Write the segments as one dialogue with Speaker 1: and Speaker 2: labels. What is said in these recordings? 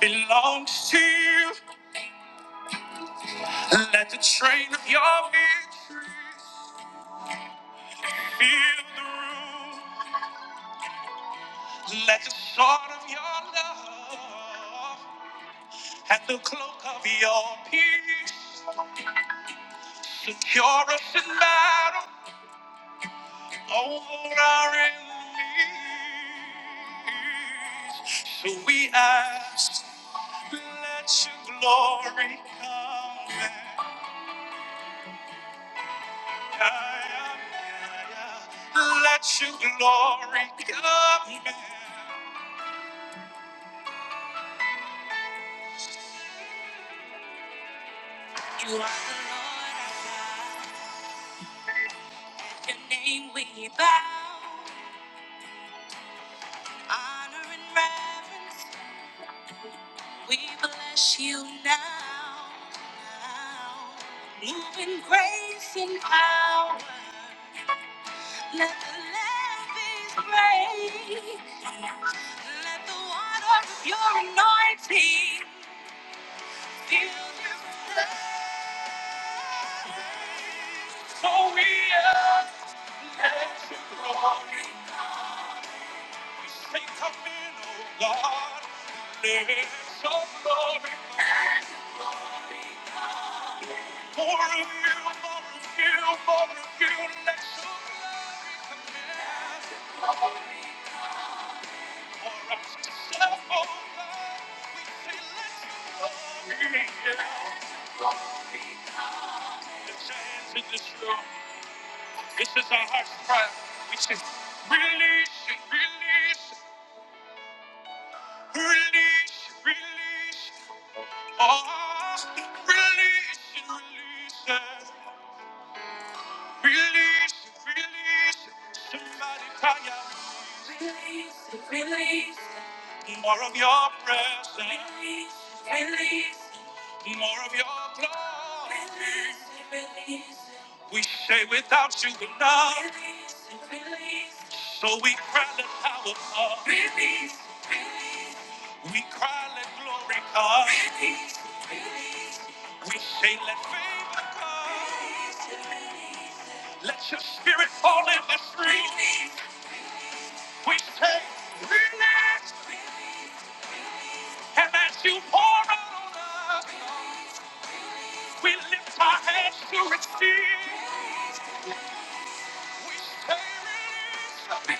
Speaker 1: belongs to you. Let the train of your victory fill the room. Let the sword of your love and the cloak of your peace secure us in battle over our enemies. So we ask, let your glory come. down. Let your glory come down. You are the Lord our God. your name we bow. Honor and reverence. We bless you now. now. Move in grace and power. Let the levees break. Let the water of your anointing So we are strong. We say, Come in, oh Lord. Let your glory pour more of you, more of you, more of you. Let your glory come in. Pour out yourself, oh Lord. We say, let your glory in. The giants in this room, this is our heart's cry. We say, release it, release it. Release, release, oh, release, release, it. release, release. Somebody cry out. Release, release. More of your presence. Release, release. More of your glory. Release, release. We say without you we're not. Release, release. So we cry the power of. Release. We cry let glory come. We say, let favor come. Let your spirit fall in the street. We say, relax. And as you pour out on us, we lift our hands to receive. We say, release.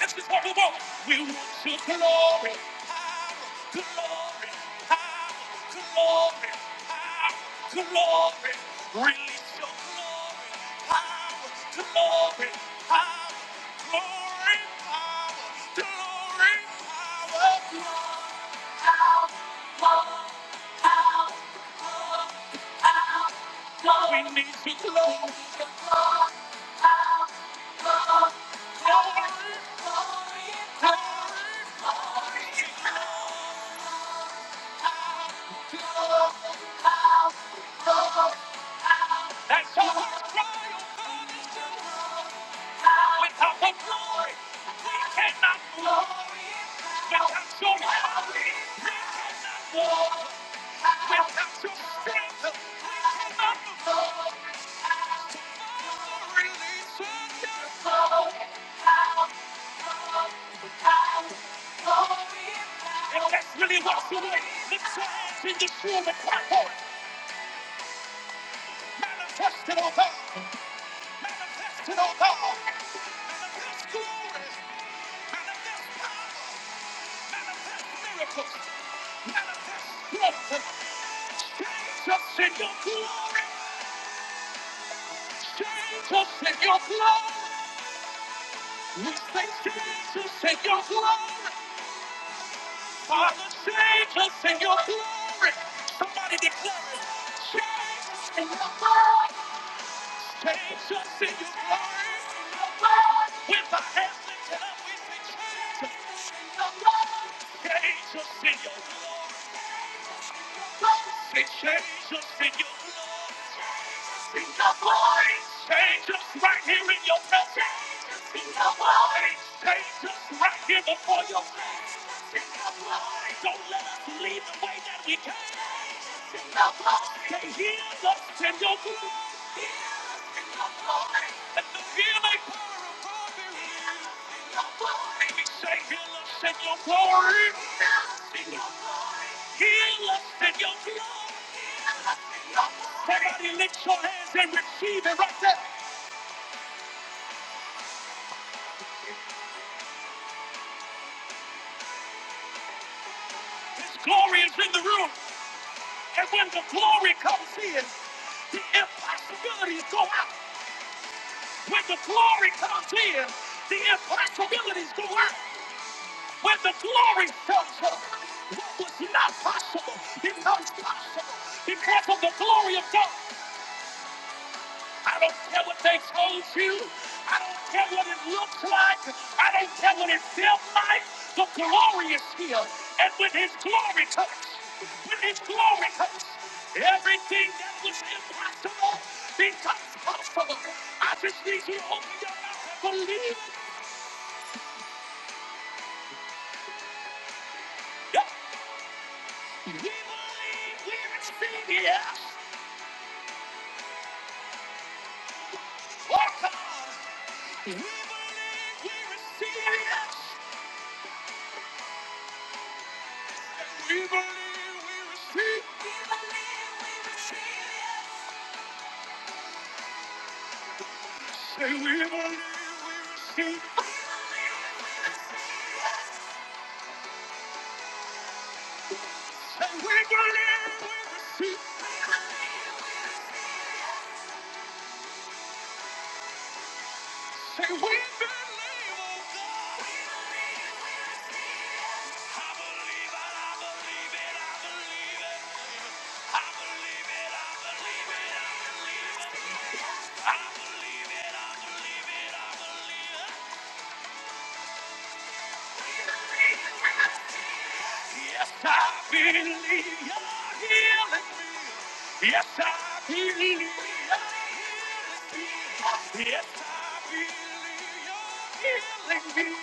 Speaker 1: Let's just walk the walk. We'll shoot glory, power, glory, power, glory, power, glory. Release your glory, power, glory, power, glory, power, glory, power. glory. We need your glory, glory, glory, glory. That's our cry, oh God, is to Without your glory, we cannot move. Without your power, we cannot move. Without your strength, we cannot move. And that's really what you want. Lift your hands in this room and cry for it. Manifest it, oh God. Manifest it, oh God. Manifest glory. Manifest power. Manifest miracles. Manifest strength. Jesus in your glory. Jesus in your blood. We say Jesus in your blood. Father, Jesus in your glory. Somebody declare it. Jesus in your blood. Jesus in your glory. With our hands lifted up, we say Jesus in your blood. Jesus in your glory. Say, change us in your blood. In your blood. Change us right here in your presence. In your blood. Change us right here before your face In your blood. Don't let us leave the way that we came. In your blood. Say, heal us in your blood. Let the healing power of God be in your blood. We say, heal us in your glory. Sing the voice. Heal us in your blood. Somebody lift your hands and receive it right there. His glory is in the room. And when the glory comes in, the impossibilities go out. When the glory comes in, the impossibilities go out. When the glory comes up, what was not possible becomes possible because of the glory of God. I don't care what they told you. I don't care what it looks like. I don't care what it felt like. The glory is here. And when his glory comes, when his glory comes, everything that was impossible becomes possible. I just need you to open your mouth and believe. Yeah. We believe we receive it. Oh, God. We believe we receive it. We believe we receive. We believe we receive. Say we believe we receive. Say we believe we receive. Say we believe, oh God. We believe we receive. I believe it, I believe it, I believe it. I believe it, I believe it, I believe it. I believe Yes, I believe you're healing me. Yes, I believe you're healing me. Yes, I believe you're healing me.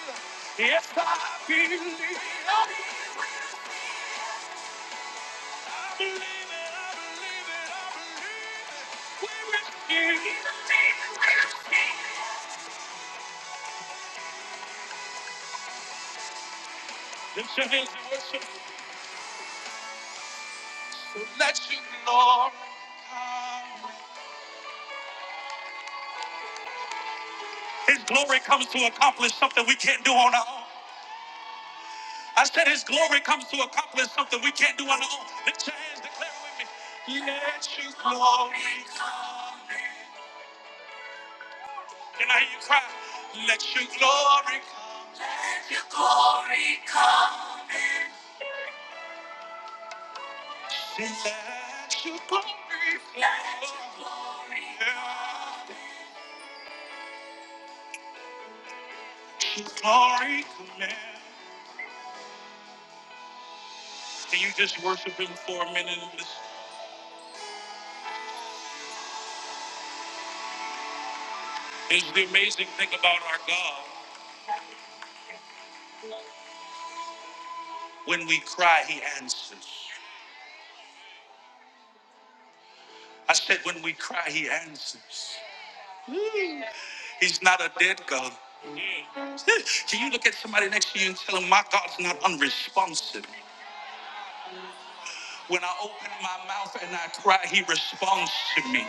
Speaker 1: Yes, I believe you're healing me. I believe it, I believe it, I believe it. We're in Lift your hands and worship. So let your glory come. His glory comes to accomplish something we can't do on our own. I said his glory comes to accomplish something we can't do on our own. Lift your hands, declare it with me. Let your glory come. Can I hear you cry? Let your glory come. Let your glory come. Let your glory come. Let your glory come. Can you just worship him for a minute? and just- It's the amazing thing about our God. When we cry, he answers. I said, when we cry, he answers. He's not a dead God. Can you look at somebody next to you and tell him, My God's not unresponsive? When I open my mouth and I cry, He responds to me.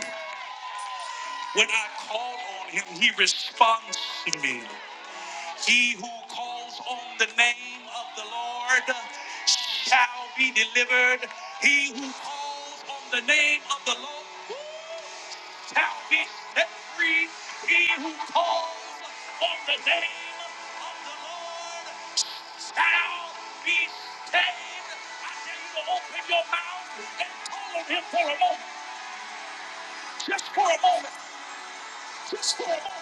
Speaker 1: When I call on Him, He responds to me. He who calls on the name of the Lord shall be delivered. He who calls on the name of the Lord shall be set free. He who calls on the name of the Lord shall be saved. I dare you to open your mouth and call on him for a moment. Just for a moment. Just for a moment.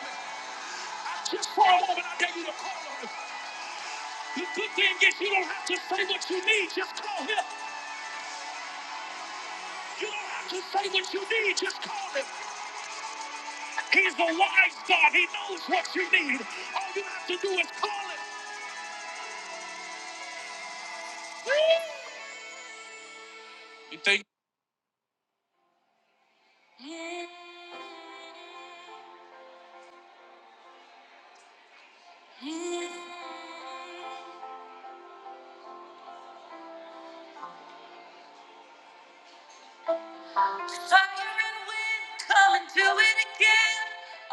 Speaker 1: Just for a moment. I dare you to call on him. The good thing is you don't have to say what you need, just call him. You don't have to say what you need, just call him. He's a wise God, he knows what you need. All you have to do is call him. You think? Fire and wind, come and do it again.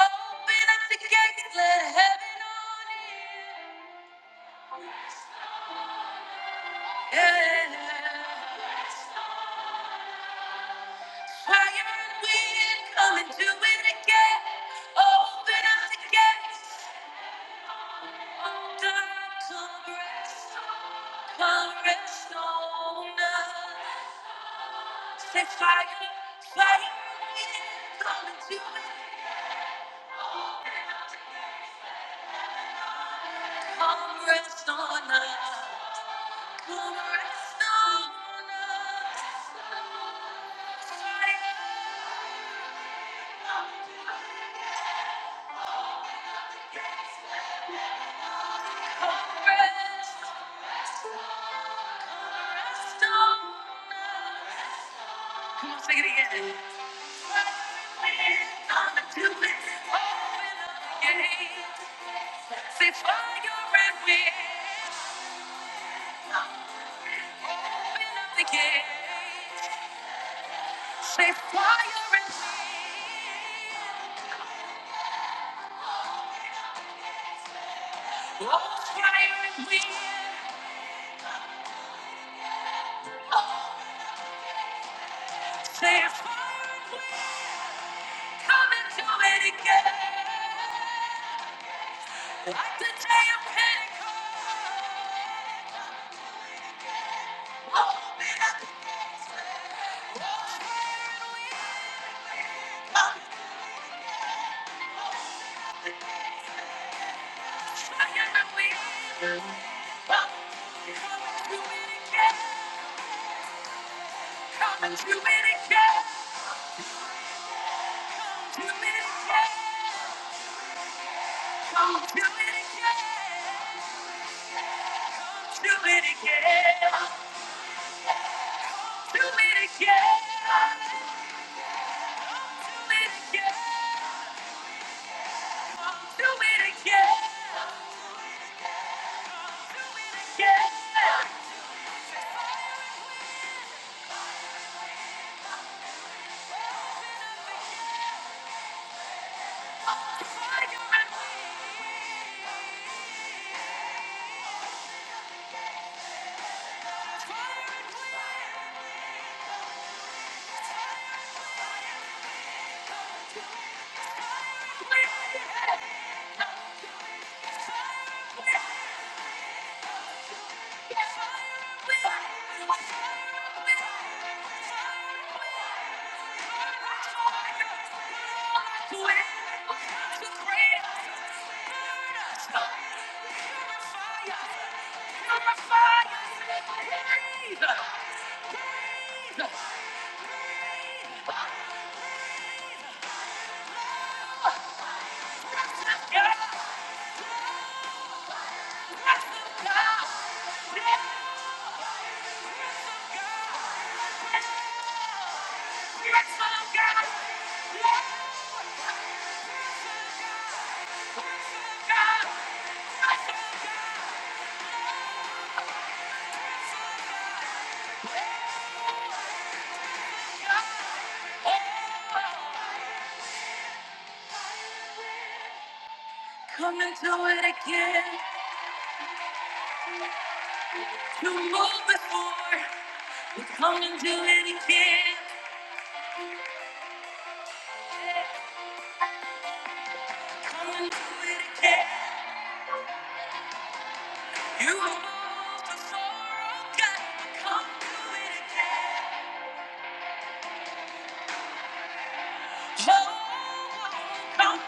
Speaker 1: Open up the gates, let heaven on in. Yeah. Higher and we coming to it again. Open up the gates. Oh, come rest. Come rest on us. Say fire, fire, we're coming to it. Come rest on us. Come rest on us. Fire, come rest. Come rest on us. Come on, sing it again. Say fire and wind, open up the gate. Say fire and wind, oh fire and wind. Say fire and wind, come and do it again. Like the day of Pentecost, open fire and wind. Oh, Come and do it again. Come and do it again. Do it again. Don't do it again. Do it again. Do it again. Do it again. Do it again. Again. Try your way. Try to run away. Try to run away. Try to run away. Try to run away. Try to run away. Yeah. Come and do it again. You moved before. You come and do it again. Come and do it again. You moved before. Oh God, come do it again. Oh, come,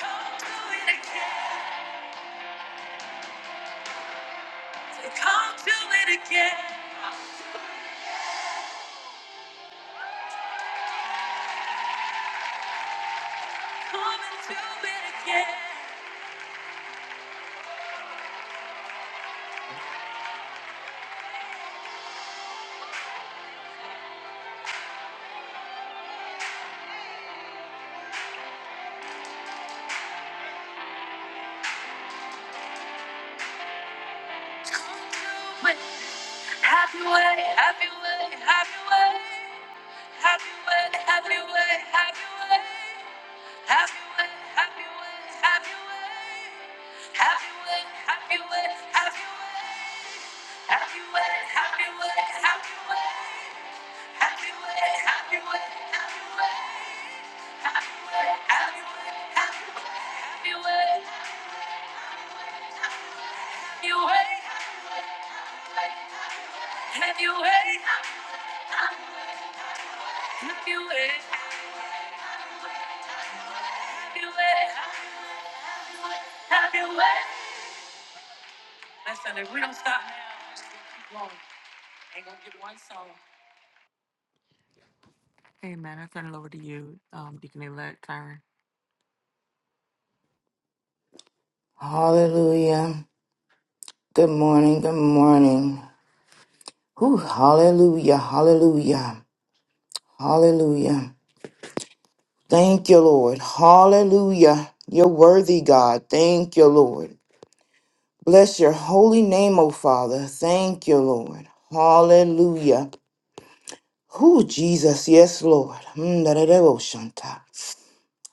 Speaker 1: come do it again. Come do it again. Come and do it again. Happy way, happy way, happy way. Happy way, happy way, happy way. Happy way, happy way, happy way. Happy way, happy way, happy way. Happy way, happy way, happy way. Happy way, happy way, happy way. Happy way, happy way, happy way. Happy way, happy way, happy way. Happy way, happy way, happy way. Listen, if we don't stop now, we won't. Ain't gonna get one song.
Speaker 2: Hallelujah. Good morning. Good morning. Whew, hallelujah. Hallelujah. Hallelujah. Thank you, Lord. Hallelujah. You're worthy, God. Thank you, Lord. Bless your holy name, O Father. Thank you, Lord. Hallelujah. Who Jesus, yes, Lord. Mm, da, da, da, oh, shanta.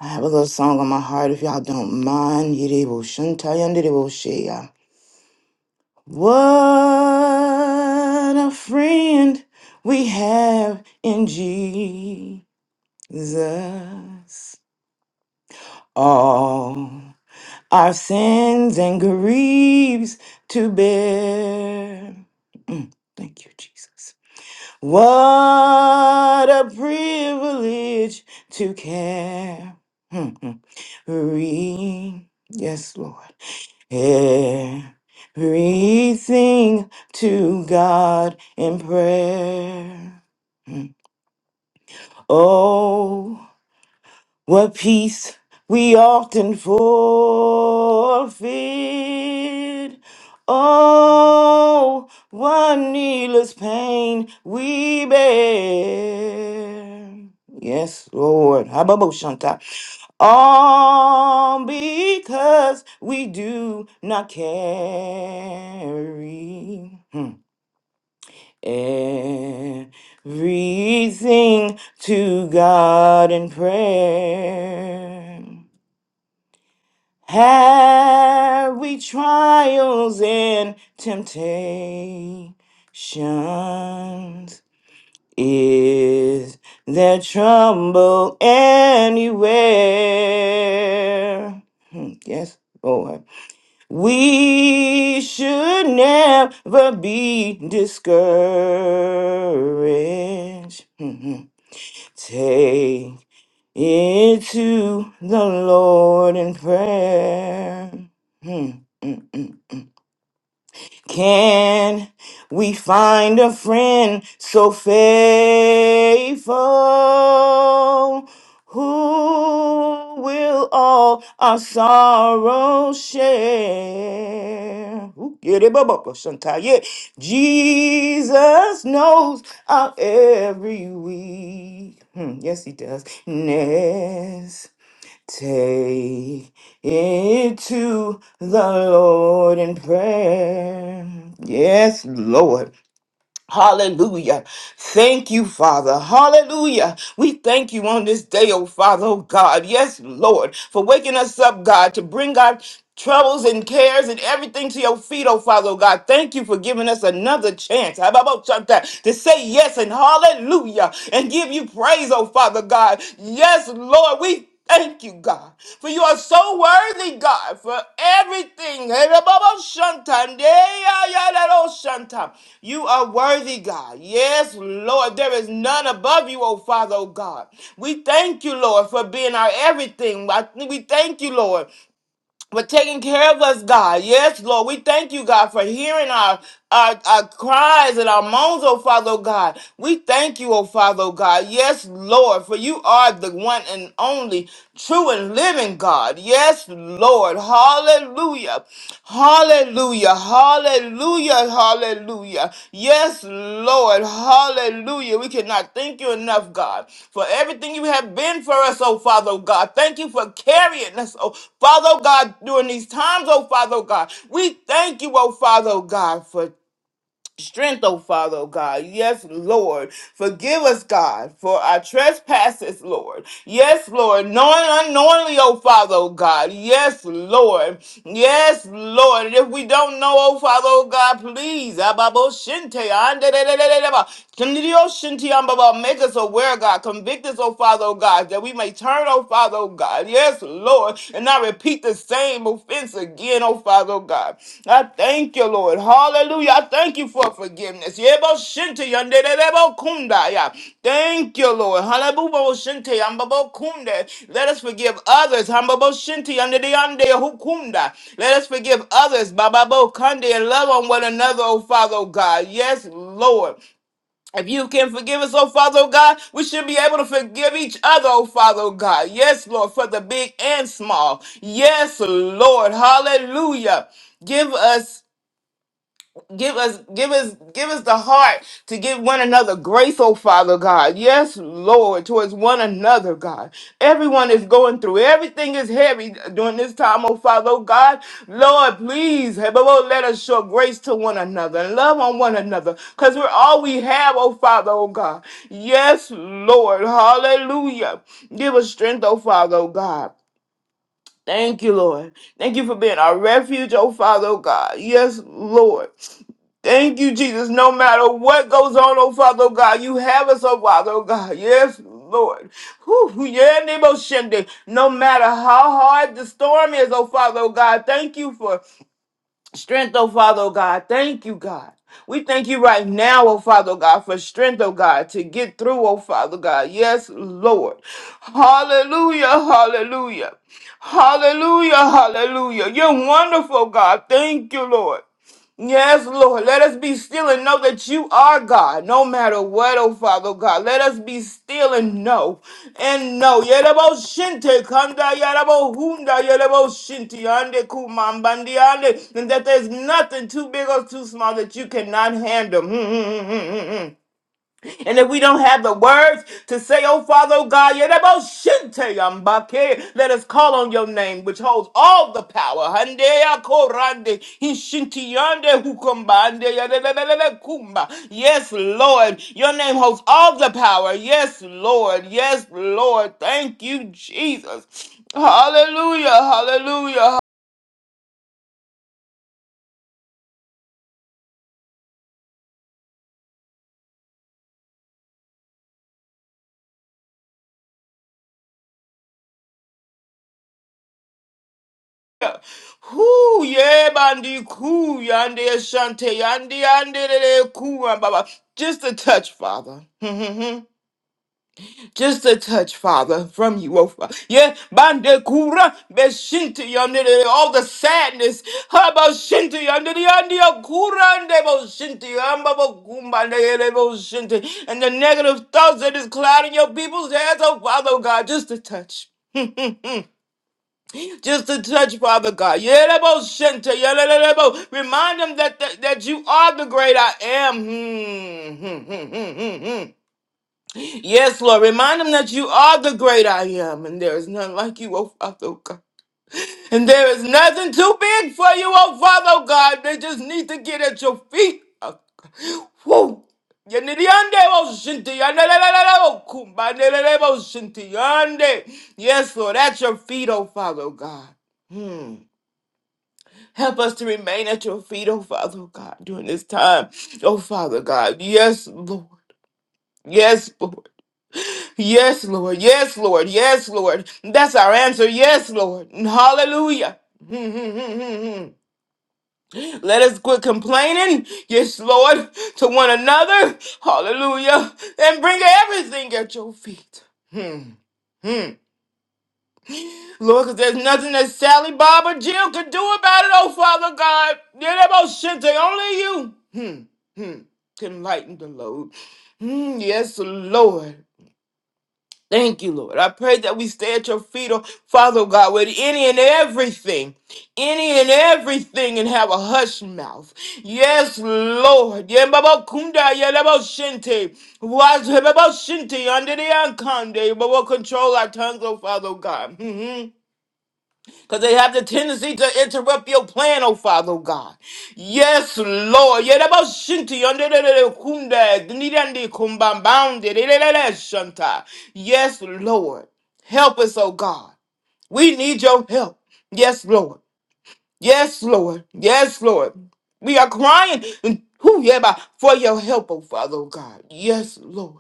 Speaker 2: I have a little song on my heart if y'all don't mind. Yidebo shanta, yandidebo shea. What a friend we have in Jesus. All our sins and griefs to bear. Mm, thank you, Jesus. What a privilege to carry. Yes, Lord. Everything to God in prayer. Mm. Oh. What peace we often forfeit. Oh, what needless pain we bear. Yes, Lord. Hababo Shanta. All because we do not carry. Hmm. Everything to God in prayer. Have we trials and temptations? Is there trouble anywhere? Hmm, Yes, Lord. We should never be discouraged. Mhm. Take it to the Lord in prayer. Mm, mm, mm. Can we find a friend so faithful who will all our sorrows share? Ooh, yeah, they bubble up sometime, yeah. Jesus knows our every weakness. Yes, he does. Take it to the Lord in prayer. Yes, Lord. Hallelujah. Thank you, Father. Hallelujah. We thank you on this day, oh Father, oh God. Yes, Lord, for waking us up, God, to bring God troubles and cares and everything to your feet, oh Father, oh God. Thank you for giving us another chance how about that, to say yes and hallelujah and give you praise, oh Father God. Yes, Lord, we Thank you, God, for you are so worthy, God, for everything. You are worthy, God. Yes, Lord, there is none above you, oh Father, oh God. We thank you, Lord, for being our everything. We thank you, Lord, for taking care of us, God. Yes, Lord. We thank you, God, for hearing our, our, our cries and our moans, oh Father, oh God. We thank you, oh Father, oh God. Yes, Lord, for you are the one and only true and living God. Yes, Lord. Hallelujah. Hallelujah. Hallelujah. Hallelujah. Yes, Lord. Hallelujah. We cannot thank you enough, God, for everything you have been for us, oh Father oh God. Thank you for carrying us, oh Father oh God, during these times, oh Father oh God. We thank you, oh Father oh God, for Strength, O Father, O God. Yes, Lord. Forgive us, God, for our trespasses, Lord. Yes, Lord. Knowing unknowingly, O Father, O God. Yes, Lord. Yes, Lord. And if we don't know, O Father, O God, please. Ababo shinte, ande de de de de de ba. Kanidio Shinti Ambaba, make us aware, God. Convict us, oh Father, oh God, that we may turn, oh Father, oh God. Yes, Lord, and not repeat the same offense again, oh Father, oh God. I thank you, Lord. Hallelujah. I thank you for forgiveness. Yebo Shinti Yandelebo Kundaya. Thank you, Lord. Halabubo Shinti Ambabo Kunde. Let us forgive others. Hambabo Shinti Yandeyande Hukunda. Let us forgive others. Bababo Kande and love on one another, oh Father, oh God. Yes, Lord. If you can forgive us, oh Father, oh God, we should be able to forgive each other, oh Father, oh God. Yes, Lord, for the big and small. Yes, Lord. Hallelujah. Give us Give us, give us, give us the heart to give one another grace, oh Father God. Yes, Lord, towards one another, God. Everyone is going through. Everything is heavy during this time, oh Father, oh God. Lord, please, hey, Lord, let us show grace to one another and love on one another, cause we're all we have, oh Father, oh God. Yes, Lord, Hallelujah. Give us strength, oh Father, oh God. Thank you, Lord. Thank you for being our refuge, oh Father, oh God. Yes, Lord. Thank you, Jesus. No matter what goes on, oh Father, oh God, you have us, oh Father, oh God. Yes, Lord. Whew, yeah, Nebo Shende. No matter how hard the storm is, oh Father, oh God, thank you for Strength, oh Father, oh God. Thank you, God. We thank you right now, oh Father oh God, for strength, oh God, to get through, oh Father God. Yes, Lord. Hallelujah, hallelujah. Hallelujah, hallelujah. You're wonderful, God. Thank you, Lord. Yes, Lord. Let us be still and know that you are God, no matter what, oh Father God. Let us be still and know and know. Yerebo shinte kanda yerebo hunda yerebo shinti ande kumambandi ande, and that there's nothing too big or too small that you cannot handle. And if we don't have the words to say, oh Father, oh God, Yereboshente Yambake, let us call on your name, which holds all the power. Hande Akorande, Hishinti Yande Hukumbande, Yadadadadada Kumba. Yes, Lord, your name holds all the power. Yes, Lord. Yes, Lord. Thank you, Jesus. Hallelujah, hallelujah, Who yeah, bandi ku yande shante yande yande de de, ku ah, baba. Just a touch, Father. Just a touch, Father, from you, oh Father. Yeah, bande kura beshinti yande de all the sadness. Haba shinti yande de yande ya kura ande bo shinti amba bo kumba de bo shinti. And the negative thoughts that is clouding your people's heads, oh Father oh God, just a touch. Just to touch, Father God. Yerebo shente, yerebo. Remind them that, that that you are the great I am. Hmm, hmm, hmm, hmm, hmm, hmm. Yes, Lord. Remind them that you are the great I am, and there is none like you, oh Father oh God. And there is nothing too big for you, oh Father oh God. They just need to get at your feet. oh God. Whoa. Yenidiyande wo shinti, yandelelele wo kumba, nelele wo shinti, yande. Yes, Lord, at your feet, oh Father oh God. Hmm. Help us to remain at your feet, oh Father oh God, during this time. Oh Father God. Yes, Lord. Yes, Lord. Yes, Lord. Yes, Lord. Yes, Lord. That's our answer. Yes, Lord. Hallelujah. Let us quit complaining, yes, Lord, to one another. Hallelujah. And bring everything at your feet. Hmm. hmm. Lord, because there's nothing that Sally, Bob, or Jill could do about it, oh Father God. Yeah, that about shit, they only you hmm, hmm, can lighten the load. Hmm, yes, Lord. Thank you, Lord. I pray that we stay at your feet, oh Father God, with any and everything, any and everything, and have a hush mouth. Yes, Lord. Yeah, Baba Kunda, yeah, Baba Shinte. Watch Baba Shinte under the unconde, but we'll control our tongues, oh Father God. Hmm, hmm. Because they have the tendency to interrupt your plan, oh Father oh God. Yes, Lord. Yerebashinti yonderere kunde, dinirandi kumbambamde, rerere shanta. Yes, Lord. Help us, oh God. We need your help. Yes, Lord. Yes, Lord. Yes, Lord. We are crying who, yeah, for your help, oh Father oh God. Yes, Lord.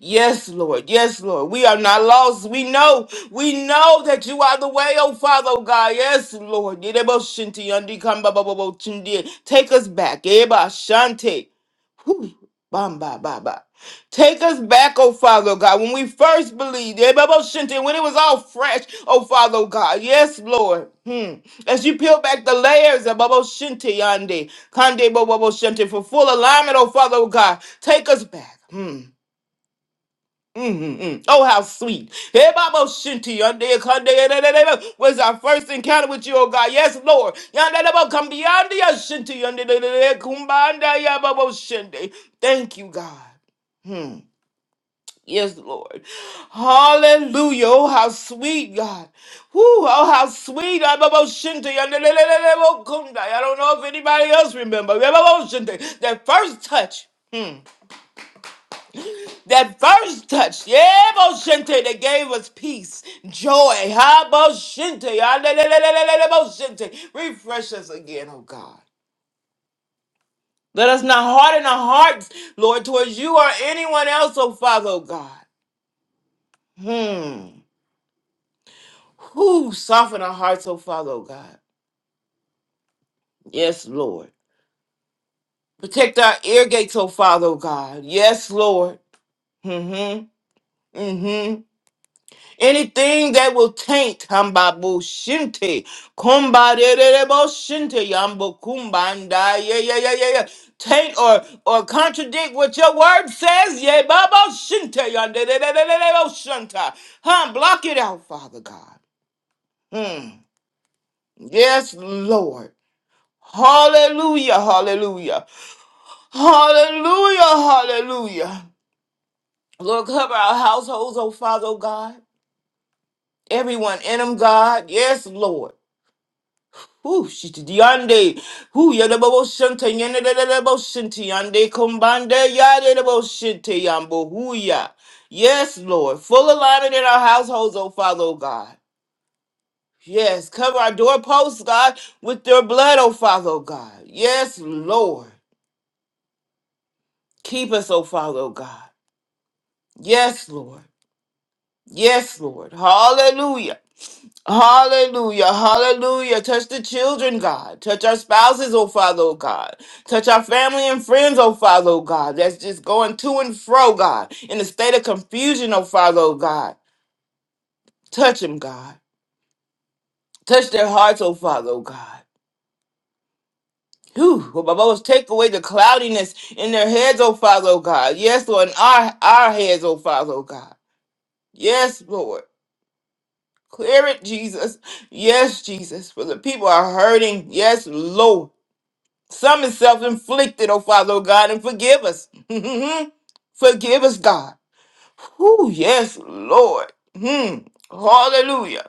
Speaker 2: Yes, Lord. Yes, Lord. We are not lost. We know. We know that you are the way, oh Father, oh God. Yes, Lord. Yerebo shinti yandi kamba ba ba bo chindi. Take us back. Eba shante. Whew. Bam, ba, ba, ba. Take us back, oh Father, oh God, when we first believed, Eba bo shinti, when it was all fresh, oh Father, oh God. Yes, Lord. Hmm. As you peel back the layers of Bobo Shinti Yande, Kande Bobo Shinti, for full alignment, oh Father, oh God, take us back. Hmm. Mm-hmm. Oh, how sweet. Hey, Babo Shinti, yonder, yonder, yonder, yonder, yonder, was our first encounter with you, oh God. Yes, Lord. Yonder, yonder, Come beyond the Shinti. yonder, yonder, yonder, kumbanda, ya Babo Shinti. Thank you, God. Hmm. Yes, Lord. Hallelujah. Oh, how sweet, God. Whew, oh, how sweet. Ah, Babo Shinti, yonder, yonder, yonder, yonder, kunda. I don't know if anybody else remember. Babo Shinti, That first touch. Hmm. That first touch, yeah, Boshente, that gave us peace, joy, ha, Boshente, ah, le- le- le- le- le- le- Boshente. refresh us again, oh God. Let us not harden our hearts, Lord, towards you or anyone else, oh Father, oh God. Hmm. Who soften our hearts, oh Father, oh God. Yes, Lord. Protect our ear gates, oh Father, oh God. Yes, Lord. Mm-hmm. Mm-hmm. Anything that will taint Hambabu Shinti. Kumba de de de bo Shinti Yambo Kumba and I, yeah yeah yeah yeah yeah. Taint or or contradict what your word says, yeah Babo Shinti Yande de de de de de bo Shanta. Huh, block it out, Father God. Hmm. Yes, Lord. Hallelujah, hallelujah. Hallelujah, hallelujah. Lord, cover our households, oh Father, oh God. Everyone in them, God. Yes, Lord. Who she to yande? Who ya the bobo shinte yende the bobo shinte yande kumbande ya the bobo shinte yambo who ya? Yes, Lord, full alignment in our households, oh Father, oh God. Yes, cover our doorposts, God, with your blood, oh Father, oh God. Yes, Lord, keep us, oh Father, oh God. Yes, Lord. Yes, Lord. Hallelujah. Hallelujah, hallelujah. Touch the children, God. Touch our spouses, oh Father, oh God. Touch our family and friends, oh Father, oh God. That's just going to and fro, God, in a state of confusion, oh Father, oh God. Touch them, God. Touch their hearts, oh Father, oh God. Whew, oh, Baba, Lord, take away the cloudiness in their heads, oh Father, oh God. Yes, Lord, in our, our heads, oh Father, oh God. Yes, Lord. Clear it, Jesus. Yes, Jesus. For the people are hurting. Yes, Lord. Some is self inflicted, oh Father, oh God, and forgive us. forgive us, God. Ooh, yes, Lord. Hmm. Hallelujah.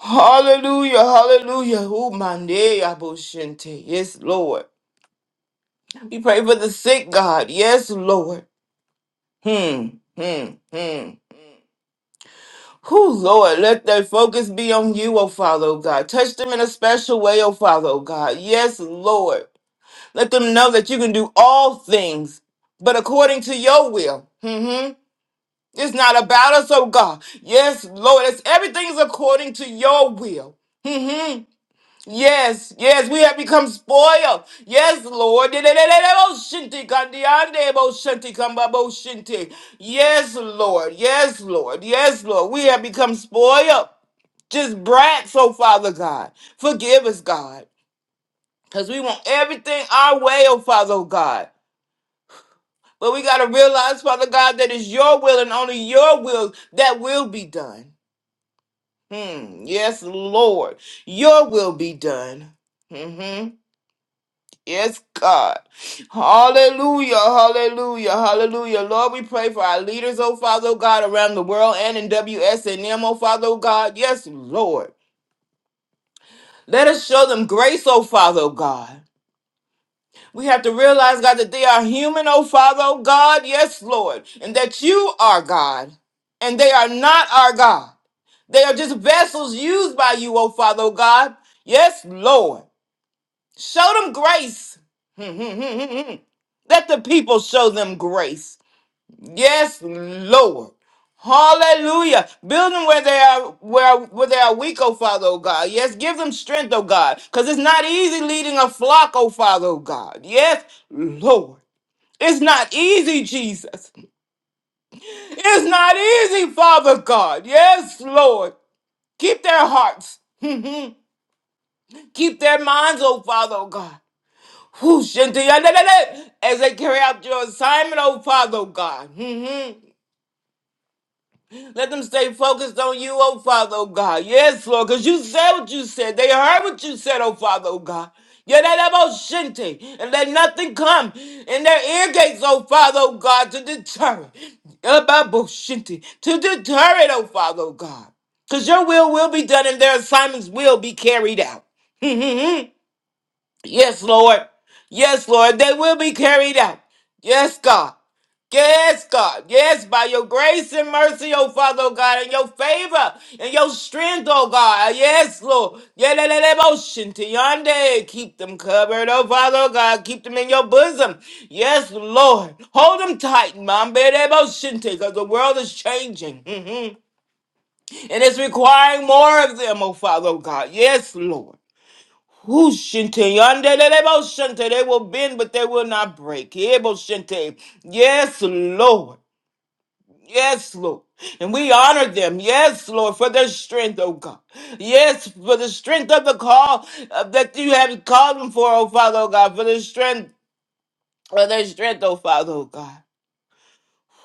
Speaker 2: Hallelujah. Hallelujah. Ooh, my aboshente. Yes, Lord. We pray for the sick, God. Yes, Lord. Hmm. Hmm. Hmm. Whew, Lord, let their focus be on you, O Father, oh God. Touch them in a special way, O Father, oh God. Yes, Lord. Let them know that you can do all things, but according to your will. hmm It's not about us, oh God. Yes, Lord, it's everything's according to your will. hmm Yes, yes, we have become spoiled. Yes, Lord. Yes, Lord. Yes, Lord. Yes, Lord. We have become spoiled. Just brats, oh Father God. Forgive us, God. Because we want everything our way, oh Father, oh God. But we got to realize, Father God, that it's your will and only your will that will be done. Hmm. Yes, Lord. Your will be done. hmm Yes, God. Hallelujah. Hallelujah. Hallelujah. Lord, we pray for our leaders, oh Father, oh God, around the world and in W S WSNM, oh Father, oh God. Yes, Lord. Let us show them grace, oh Father, oh God. We have to realize, God, that they are human, oh Father, oh God, yes, Lord, and that you are God, and they are not our God. They are just vessels used by you, oh Father, oh God, yes, Lord. Show them grace. Let the people show them grace. Yes, Lord. Hallelujah. Build them where they are where where they are weak, oh Father, oh God. Yes, give them strength, oh God. Because it's not easy leading a flock, oh Father, oh God. Yes, Lord. It's not easy, Jesus. It's not easy, Father God. Yes, Lord. Keep their hearts. Keep their minds, oh Father, oh God. Whoosh, and the- and As they carry out your assignment, oh Father, oh God. Let them stay focused on you, oh Father, oh God. Yes, Lord, because you said what you said. They heard what you said, oh Father, oh God. Yeah, that about shinte. And let nothing come in their ear gates, oh Father, oh God, to deter it. About shinte. To deter it, oh Father, oh God. Because your will will be done and their assignments will be carried out. Yes, Lord. Yes, Lord. They will be carried out. Yes, God. Yes, God. Yes, by your grace and mercy, oh Father, oh God, and your favor and your strength, oh God. Yes, Lord. motion to yonder. Keep them covered, oh Father, oh God. Keep them in your bosom. Yes, Lord. Hold them tight, Mom. motion to, because the world is changing. Mhm. And it's requiring more of them, oh Father, oh God. Yes, Lord. Who shinte yonder they shinte. They will bend, but they will not break. Ebo shinte. Yes, Lord. Yes, Lord. And we honor them. Yes, Lord, for their strength, oh God. Yes, for the strength of the call uh, that you have called them for, oh Father, oh God. For the strength, for their strength, oh Father, oh God.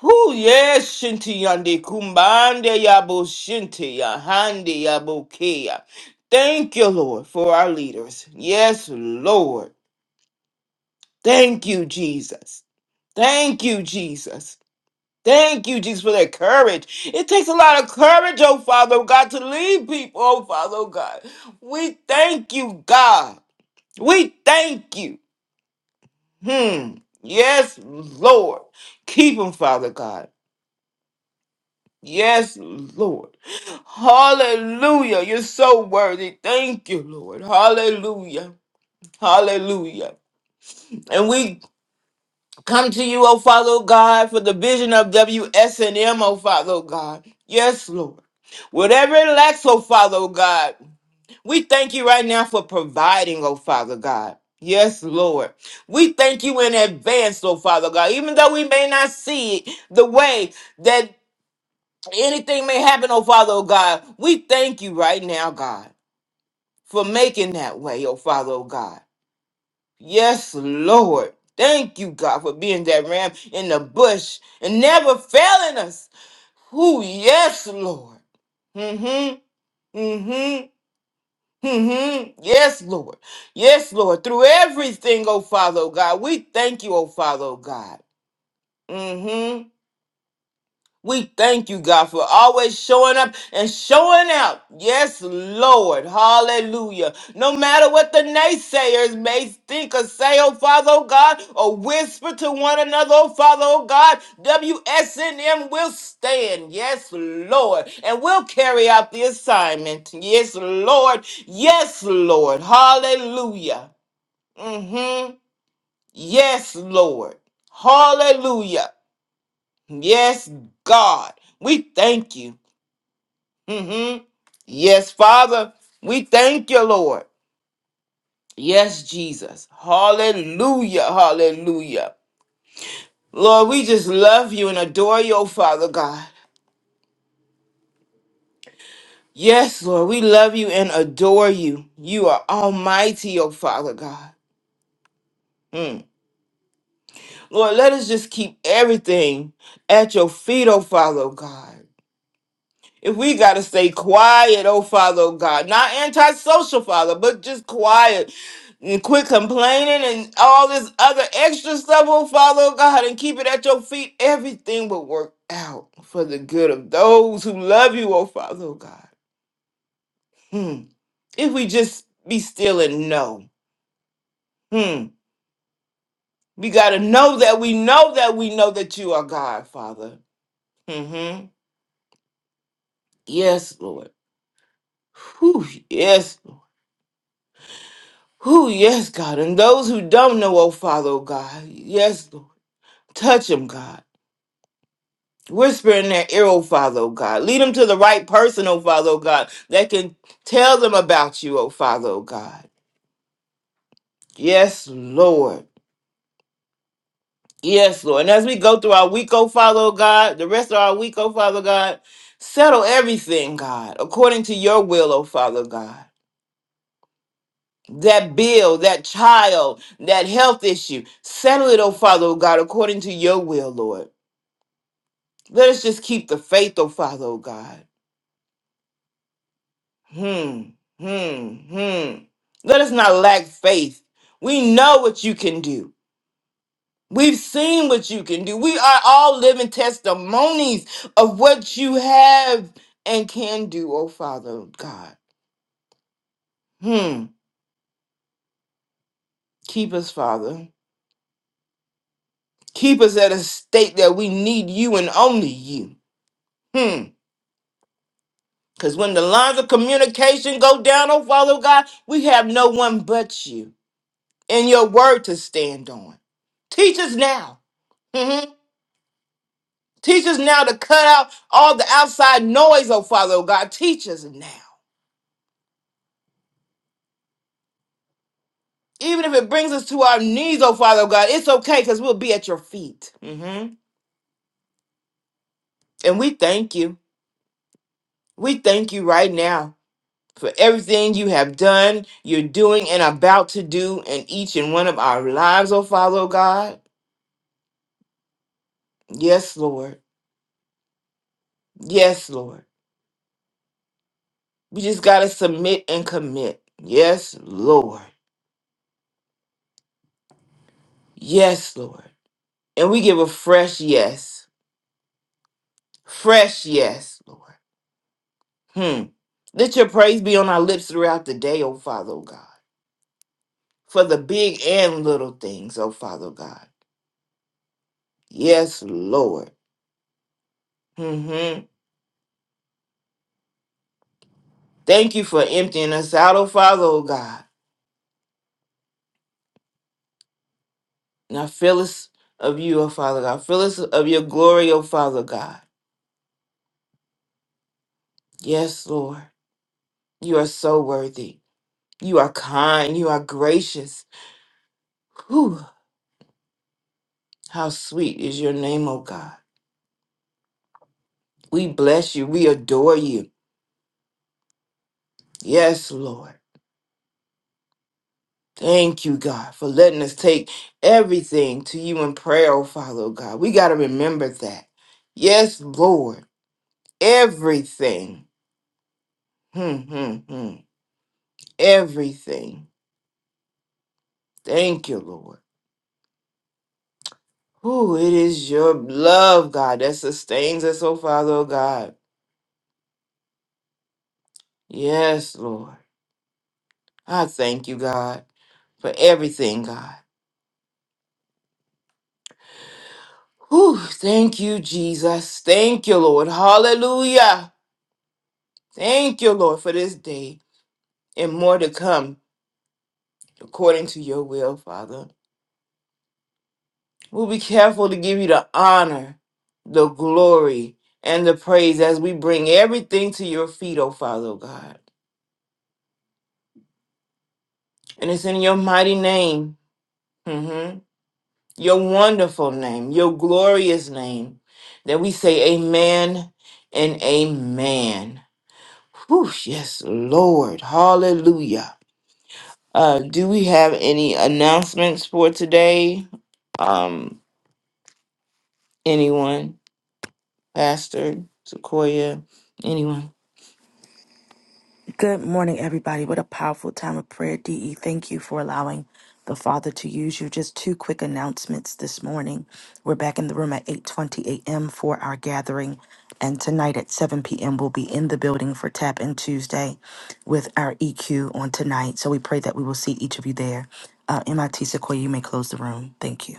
Speaker 2: Who yes, shinti yandi kumbande yabo shinti yahandi yabo kea. Thank you, Lord, for our leaders. Yes, Lord. Thank you, Jesus. Thank you, Jesus. Thank you, Jesus, for that courage. It takes a lot of courage, oh Father God, to lead people, oh Father God. We thank you, God. We thank you. Hmm. Yes, Lord. Keep them, Father God. Yes, Lord. Hallelujah. You're so worthy. Thank you, Lord. Hallelujah. Hallelujah. And we Come to you, O Father, O God, for the vision of W S and M, O Father, O God. Yes, Lord. Whatever it lacks, O Father, O God, we thank you right now for providing, O Father God. Yes, Lord. We thank you in advance, O Father God. Even though we may not see it the way that anything may happen, O Father oh God, we thank you right now, God, for making that way, O Father oh God. Yes, Lord. Thank you, God, for being that ram in the bush and never failing us. Who? Yes, Lord. Mm-hmm. Mm-hmm. Mm-hmm. Yes, Lord. Yes, Lord. Through everything, oh Father, oh God. We thank you, oh Father, oh God. Mm-hmm. We thank you, God, for always showing up and showing out. Yes, Lord. Hallelujah. No matter what the naysayers may think or say, oh Father, oh God, or whisper to one another, oh Father, oh God, WSNM will stand. Yes, Lord. And we'll carry out the assignment. Yes, Lord. Yes, Lord. Hallelujah. hmm Yes, Lord. Hallelujah. Yes, God, we thank you. hmm Yes, Father, we thank you, Lord. Yes, Jesus. Hallelujah, hallelujah. Lord, we just love you and adore you, oh Father God. Yes, Lord, we love you and adore you. You are almighty, oh Father God. Mm. Lord, let us just keep everything at your feet, oh Father God. If we got to stay quiet, oh Father, oh God, not antisocial, Father, but just quiet and quit complaining and all this other extra stuff, oh Father, oh God, and keep it at your feet, everything will work out for the good of those who love you, oh Father, oh God. Hmm. If we just be still and know, hmm. we got to know that we know that we know that you are God, Father. hmm Yes, Lord. Whew, yes, Who, yes, God. And those who don't know, oh Father, oh God. Yes, Lord. Touch them, God. Whisper in their ear, oh Father, oh God. Lead them to the right person, oh Father, oh God, that can tell them about you, oh Father, oh God. Yes, Lord. Yes, Lord. And as we go through our week, oh Father, oh God, the rest of our week, oh Father, God, settle everything, God, according to your will, oh Father, God. That bill, that child, that health issue, settle it, oh Father, oh God, according to your will, Lord. Let us just keep the faith, oh Father, oh God. Hmm, hmm, hmm. Let us not lack faith. We know what you can do. We've seen what you can do. We are all living testimonies of what you have and can do, oh Father oh God. Hmm. Keep us, Father. Keep us at a state that we need you and only you. Hmm. Because when the lines of communication go down, oh Father oh God, we have no one but you. and your word to stand on. Teach us now. Mhm. Teach us now to cut out all the outside noise, oh Father, oh God. Teach us now. Even if it brings us to our knees, oh Father, oh God, it's okay because we'll be at your feet. Mhm. And we thank you. We thank you right now for everything you have done, you're doing, and about to do in each and one of our lives, oh Father, oh God. Yes, Lord. Yes, Lord. We just got to submit and commit. Yes, Lord. Yes, Lord. And we give a fresh yes. Fresh yes, Lord. Hmm. Let your praise be on our lips throughout the day, O Father, O God. For the big and little things, O Father, O God. Yes, Lord. mm hmm Thank you for emptying us out, O Father, O God. Now fill us of you, O Father God. Fill us of your glory, O Father God. Yes, Lord. You are so worthy. You are kind. You are gracious. Whew. How sweet is your name, O God. We bless you. We adore you. Yes, Lord. Thank you, God, for letting us take everything to you in prayer, oh Father, oh God. We got to remember that. Yes, Lord. Everything. Hmm, hmm, hmm. Everything. Thank you, Lord. Oh, it is your love, God, that sustains us, oh Father, oh God. Yes, Lord. I thank you, God for everything, God. Whew, thank you, Jesus. Thank you, Lord. Hallelujah. Thank you, Lord, for this day and more to come according to your will, Father. We'll be careful to give you the honor, the glory, and the praise as we bring everything to your feet, oh Father, oh God. And it's in your mighty name, mhm, your wonderful name, your glorious name, that we say amen and amen. Whew, yes, Lord. Hallelujah. Uh, do we have any announcements for today? Um, anyone, Pastor Sequoia, anyone?
Speaker 3: Good morning, everybody. What a powerful time of prayer, DE. Thank you for allowing the Father to use you. Just two quick announcements this morning. We're back in the room at 8:20 a.m. for our gathering, and tonight at 7 p.m. we'll be in the building for Tap in Tuesday with our EQ on tonight. So we pray that we will see each of you there. Uh, MIT Sequoia, you may close the room. Thank you.